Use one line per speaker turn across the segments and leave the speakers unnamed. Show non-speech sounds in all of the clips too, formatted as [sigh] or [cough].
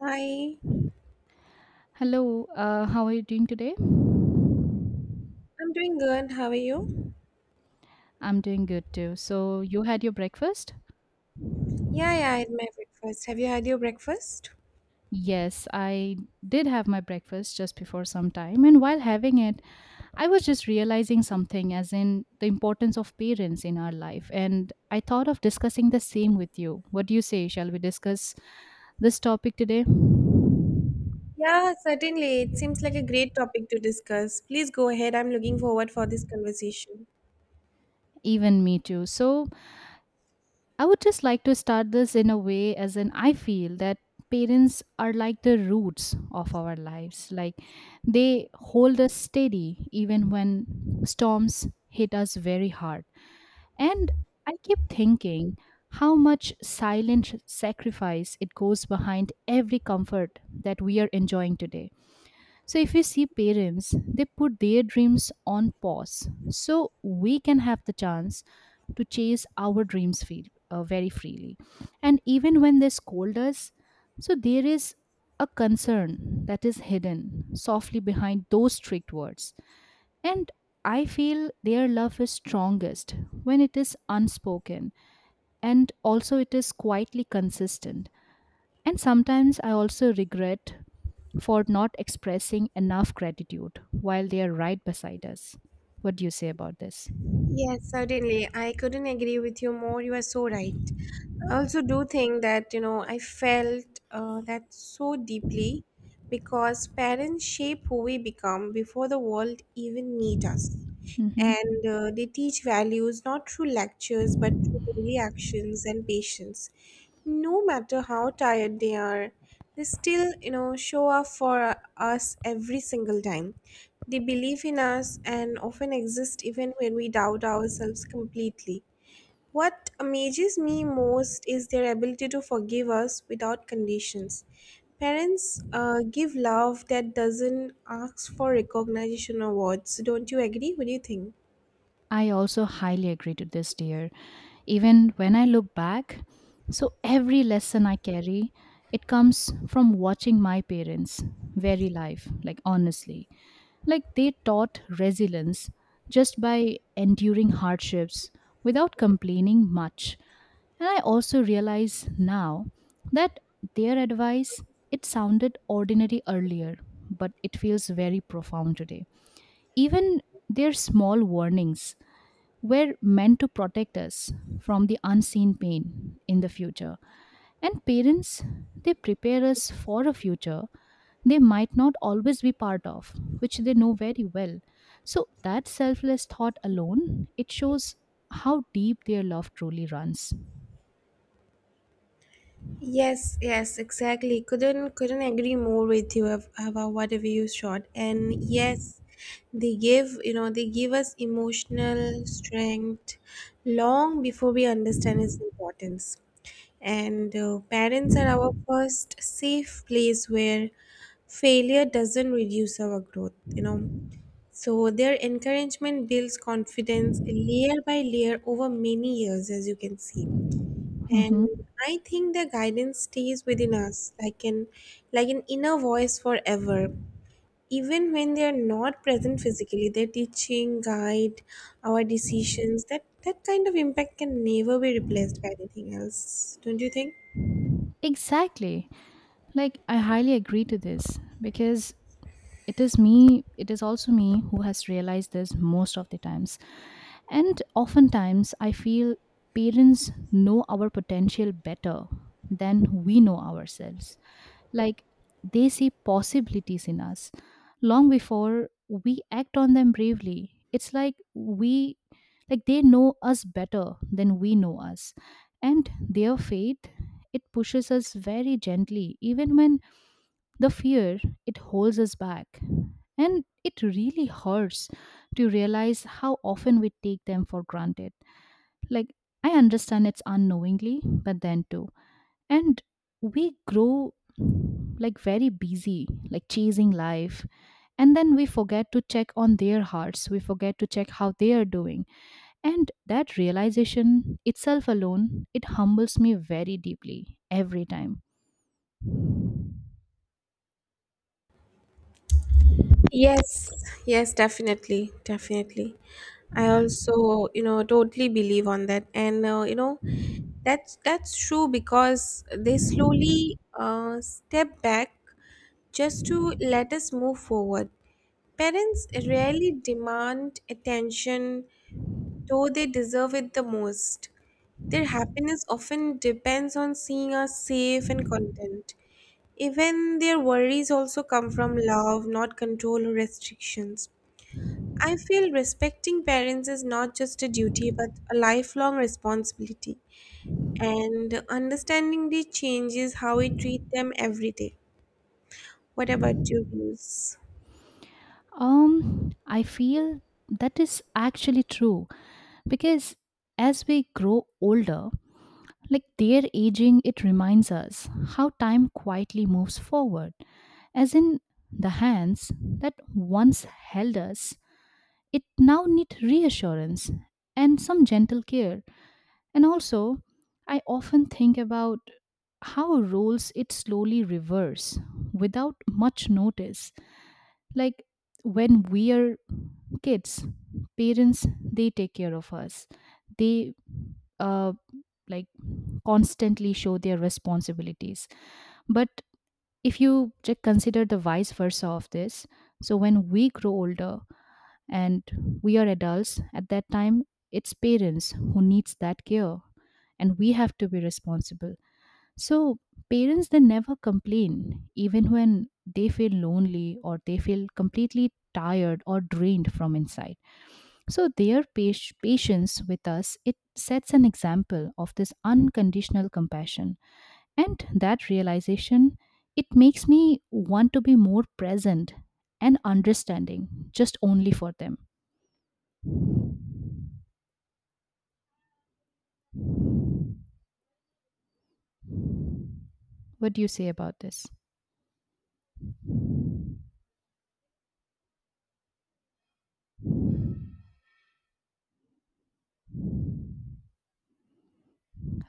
Hi,
Hello, how are you doing today?
I'm doing good. How are you?
I'm doing good too. So, you had your breakfast?
Yeah, yeah, I had my breakfast. Have you had your breakfast?
Yes, I did have my breakfast just before some time. And while having it, I was just realizing something, as in the importance of parents in our life. And I thought of discussing the same with you. What do you say? Shall we discuss this topic today?
Yeah, certainly. It seems like a great topic to discuss. Please go ahead. I'm looking forward for this conversation.
Even me too. So, I would just like to start this in a way as in I feel that parents are like the roots of our lives. Like they hold us steady even when storms hit us very hard. And I keep thinking how much silent sacrifice it goes behind every comfort that we are enjoying today. So, if you see parents, they put their dreams on pause so we can have the chance to chase our dreams feel, very freely. And even when they scold us, so there is a concern that is hidden softly behind those strict words. And I feel their love is strongest when it is unspoken and also it is quietly consistent. And sometimes I also regret for not expressing enough gratitude while they are right beside us. What do you say about this?
Yes, certainly. I couldn't agree with you more. You are so right. I also do think that, you know, I felt that so deeply because parents shape who we become before the world even meet us.
hmm
And they teach values not through lectures but through daily actions and patience. No matter how tired they are, they still, you know, show up for us every single time. They believe in us and often exist even when we doubt ourselves completely. What amazes me most is their ability to forgive us without conditions. Parents give love that doesn't ask for recognition or words. Don't you agree? What do you think?
I also highly agree to this, dear. Even when I look back, so every lesson I carry, it comes from watching my parents' very life, like honestly. Like they taught resilience just by enduring hardships without complaining much. And I also realize now that their advice, it sounded ordinary earlier, but it feels very profound today. Even their small warnings were meant to protect us from the unseen pain in the future. And parents, they prepare us for a future they might not always be part of, which they know very well. So that selfless thought alone, it shows how deep their love truly runs.
Yes, yes, exactly. Couldn't agree more with you about whatever you shot. And yes, they give you know they give us emotional strength long before we understand its importance. And parents are our first safe place where failure doesn't reduce our growth. You know, so their encouragement builds confidence layer by layer over many years, as you can see. And
Mhm.
I think the guidance stays within us, like an inner voice forever. Even when they are not present physically, their teaching, guide, our decisions, that kind of impact can never be replaced by anything else. Don't you think?
Exactly. Like, I highly agree to this because it is me, it is also me who has realized this most of the times. And oftentimes, I feel parents know our potential better than we know ourselves. Like they see possibilities in us long before we act on them bravely. It's like we like they know us better than we know us. And their faith it pushes us very gently even when the fear it holds us back. And it really hurts to realize how often we take them for granted. Like I understand it's unknowingly, but then too and we grow like very busy like chasing life and then we forget to check on their hearts, we forget to check how they are doing, and that realization itself alone it humbles me very deeply every time.
Yes, yes, definitely, definitely. I also, you know, totally believe on that, and you know, that's true because they slowly step back just to let us move forward. Parents rarely demand attention, though they deserve it the most. Their happiness often depends on seeing us safe and content. Even their worries also come from love, not control or restrictions. I feel respecting parents is not just a duty but a lifelong responsibility, and understanding the changes how we treat them every day. What about your views?
um I feel that is actually true because as we grow older. Like their aging, it reminds us how time quietly moves forward. As in the hands that once held us, it now need reassurance and some gentle care. And also, I often think about how roles it slowly reverse without much notice. Like when we are kids, parents they take care of us. They uh like constantly show their responsibilities. But if you just consider the vice versa of this, so when we grow older and we are adults, at that time it's parents who needs that care and we have to be responsible. So parents they never complain even when they feel lonely or they feel completely tired or drained from inside. So their patience with us it sets an example of this unconditional compassion and that realization, it makes me want to be more present and understanding just only for them. What do you say about this?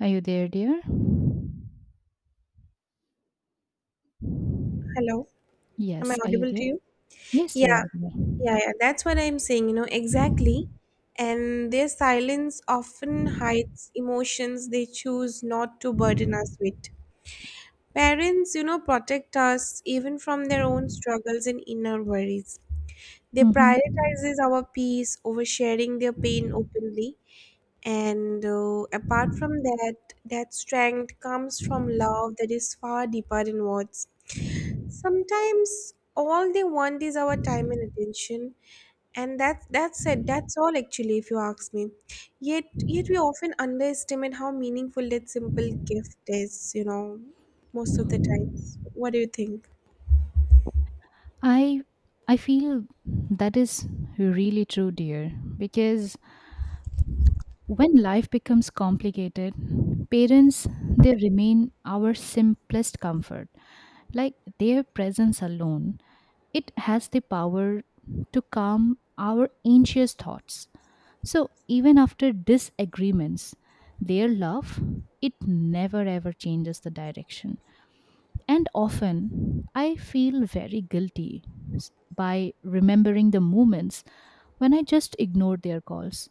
Are you there, dear?
Hello? Am I
Yes, are you
audible to
there?
you?
Yes, you're
Yeah,
audible.
yeah, yeah. That's what I'm saying, you know, exactly. And their silence often hides emotions they choose not to burden us with. Parents, you know, protect us even from their own struggles and inner worries. They
hmm
prioritizes our peace over sharing their pain openly. And apart from that, that strength comes from love that is far deeper than words. Sometimes all they want is our time and attention, and that's it. That's all actually, if you ask me. Yet we often underestimate how meaningful that simple gift is. You know, most of the times. What do you think?
I I feel that is really true, dear, because when life becomes complicated, parents they remain our simplest comfort. Like their presence alone it has the power to calm our anxious thoughts. So even after disagreements, their love, it never ever changes the direction. And often I feel very guilty by remembering the moments when I just ignored their calls.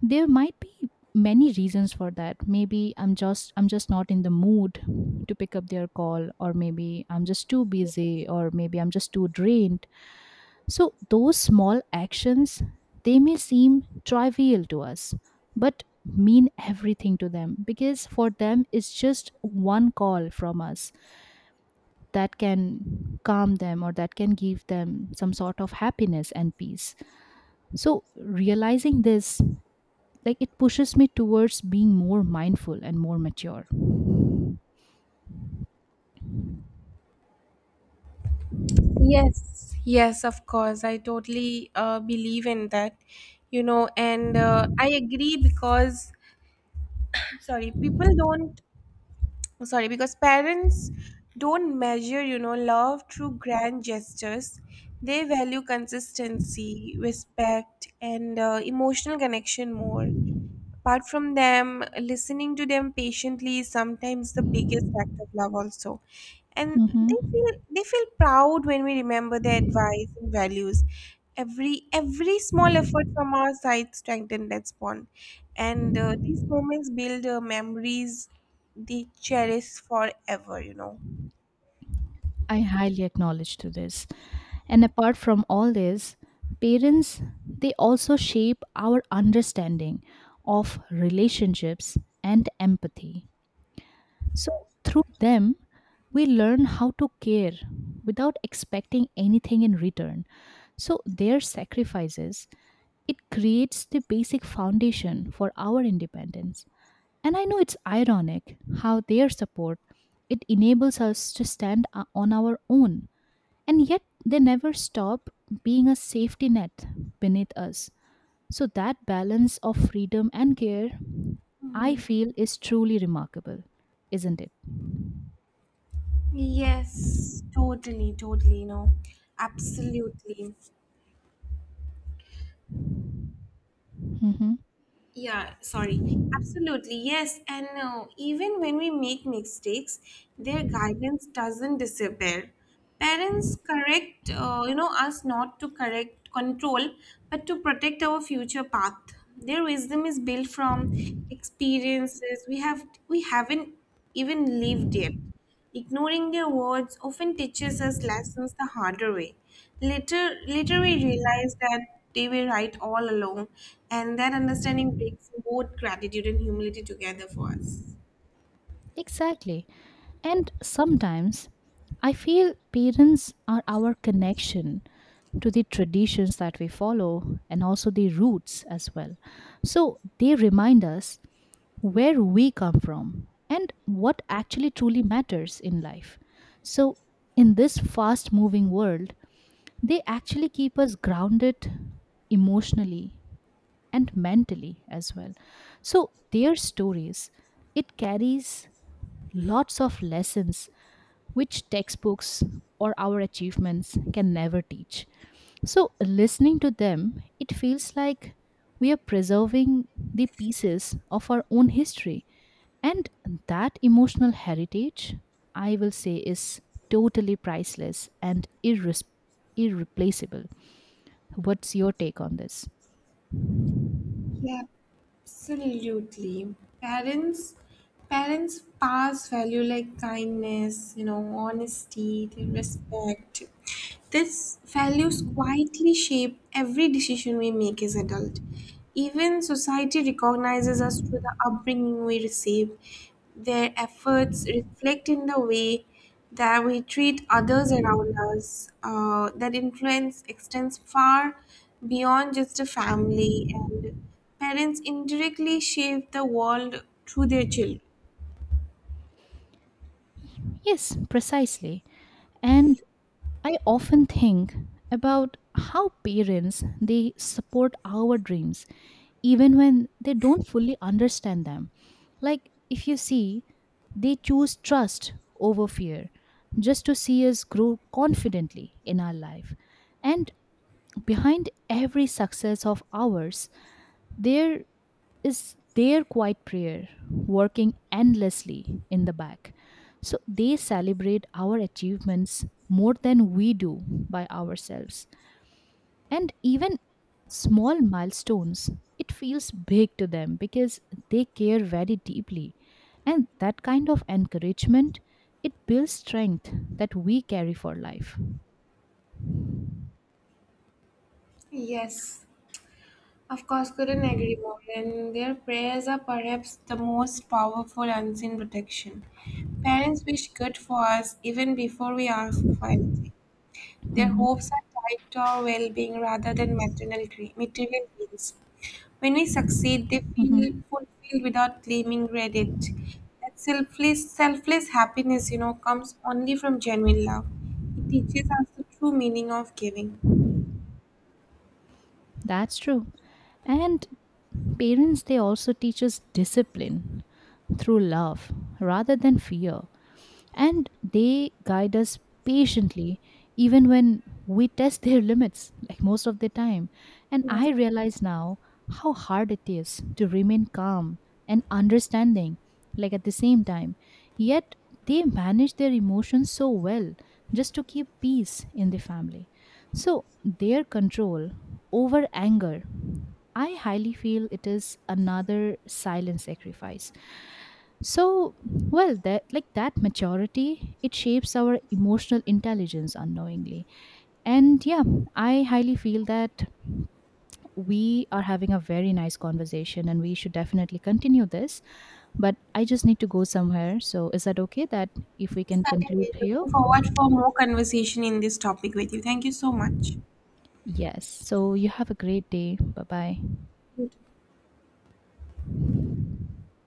There might be many reasons for that, maybe I'm just not in the mood to pick up their call, or maybe I'm just too busy, or maybe I'm just too drained. So those small actions, they may seem trivial to us, but mean everything to them because for them it's just one call from us that can calm them or that can give them some sort of happiness and peace. So realizing this, like it pushes me towards being more mindful and more mature. Mhm.
Yes, yes, of course. I totally believe in that, you know, and I agree because, sorry, people don't Oh, sorry, because parents don't measure, you know, love through grand gestures. They value consistency, respect, and emotional connection more. Apart from them, listening to them patiently is sometimes the biggest act of love also. And they feel proud when we remember their advice and values. Every small effort from our side strengthen that bond. And these moments build memories they cherish forever, you know.
I highly acknowledge to this. And apart from all this, parents they also shape our understanding of relationships and empathy. So through them, we learn how to care without expecting anything in return. So their sacrifices, it creates the basic foundation for our independence. And I know it's ironic how their support it enables us to stand on our own and yet, they never stop being a safety net beneath us. So, that balance of freedom and care, I feel, is truly remarkable, isn't it?
Yes, totally, totally. No, absolutely.
hmm
Yeah, sorry. Absolutely, yes. And no, even when we make mistakes, their guidance doesn't disappear. Parents correct, you know, us not to correct control, but to protect our future path. Their wisdom is built from experiences we haven't even lived yet. Ignoring their words often teaches us lessons the harder way. Later, we realize that they were right all along, and that understanding brings both gratitude and humility together for us.
Exactly. And sometimes I feel parents are our connection to the traditions that we follow and also the roots as well. So, they remind us where we come from and what actually truly matters in life. So, in this fast moving world, they actually keep us grounded emotionally and mentally as well. So, their stories, it carries lots of lessons which textbooks or our achievements can never teach. So, listening to them, it feels like we are preserving the pieces of our own history and that emotional heritage, I will say, is totally priceless and irreplaceable. What's your take on this?
Yeah, absolutely. Parents parents pass value like kindness, you know, honesty, their respect. These values quietly shape every decision we make as adult. Even society recognizes us through the upbringing we receive. Their efforts reflect in the way that we treat others around us. That influence extends far beyond just a family, and parents indirectly shape the world through their children.
Yes, precisely. And I often think about how parents they support our dreams even when they don't fully understand them. Like if you see, they choose trust over fear just to see us grow confidently in our life. And behind every success of ours, there is their quiet prayer working endlessly in the back. So they celebrate our achievements more than we do by ourselves. And even small milestones, it feels big to them because they care very deeply. And that kind of encouragement, it builds strength that we carry for life.
Yes, of course, couldn't agree more. And their prayers are perhaps the most powerful unseen protection. Parents wish good for us even before we ask for anything. Their
Mhm,
hopes are tied to our well being rather than material gains. When we succeed, they feel
mhm.
fulfilled without claiming credit. That selfless happiness, you know, comes only from genuine love. It teaches us the true meaning of giving.
That's true. And parents, they also teach us discipline through love rather than fear and they guide us patiently even when we test their [laughs] limits like most of the time, and
Yes,
I realize now how hard it is to remain calm and understanding like at the same time, yet they manage their emotions so well just to keep peace in the family. So their control over anger, I highly feel it is another silent sacrifice. So, well, that like that maturity, it shapes our emotional intelligence unknowingly. And yeah, I highly feel that we are having a very nice conversation and we should definitely continue this. But I just need to go somewhere. So, is that okay that if we can conclude
certainly.
here?
Looking forward for more conversation in this topic with you. Thank you so much.
Yes. So, you have a great day. Bye bye.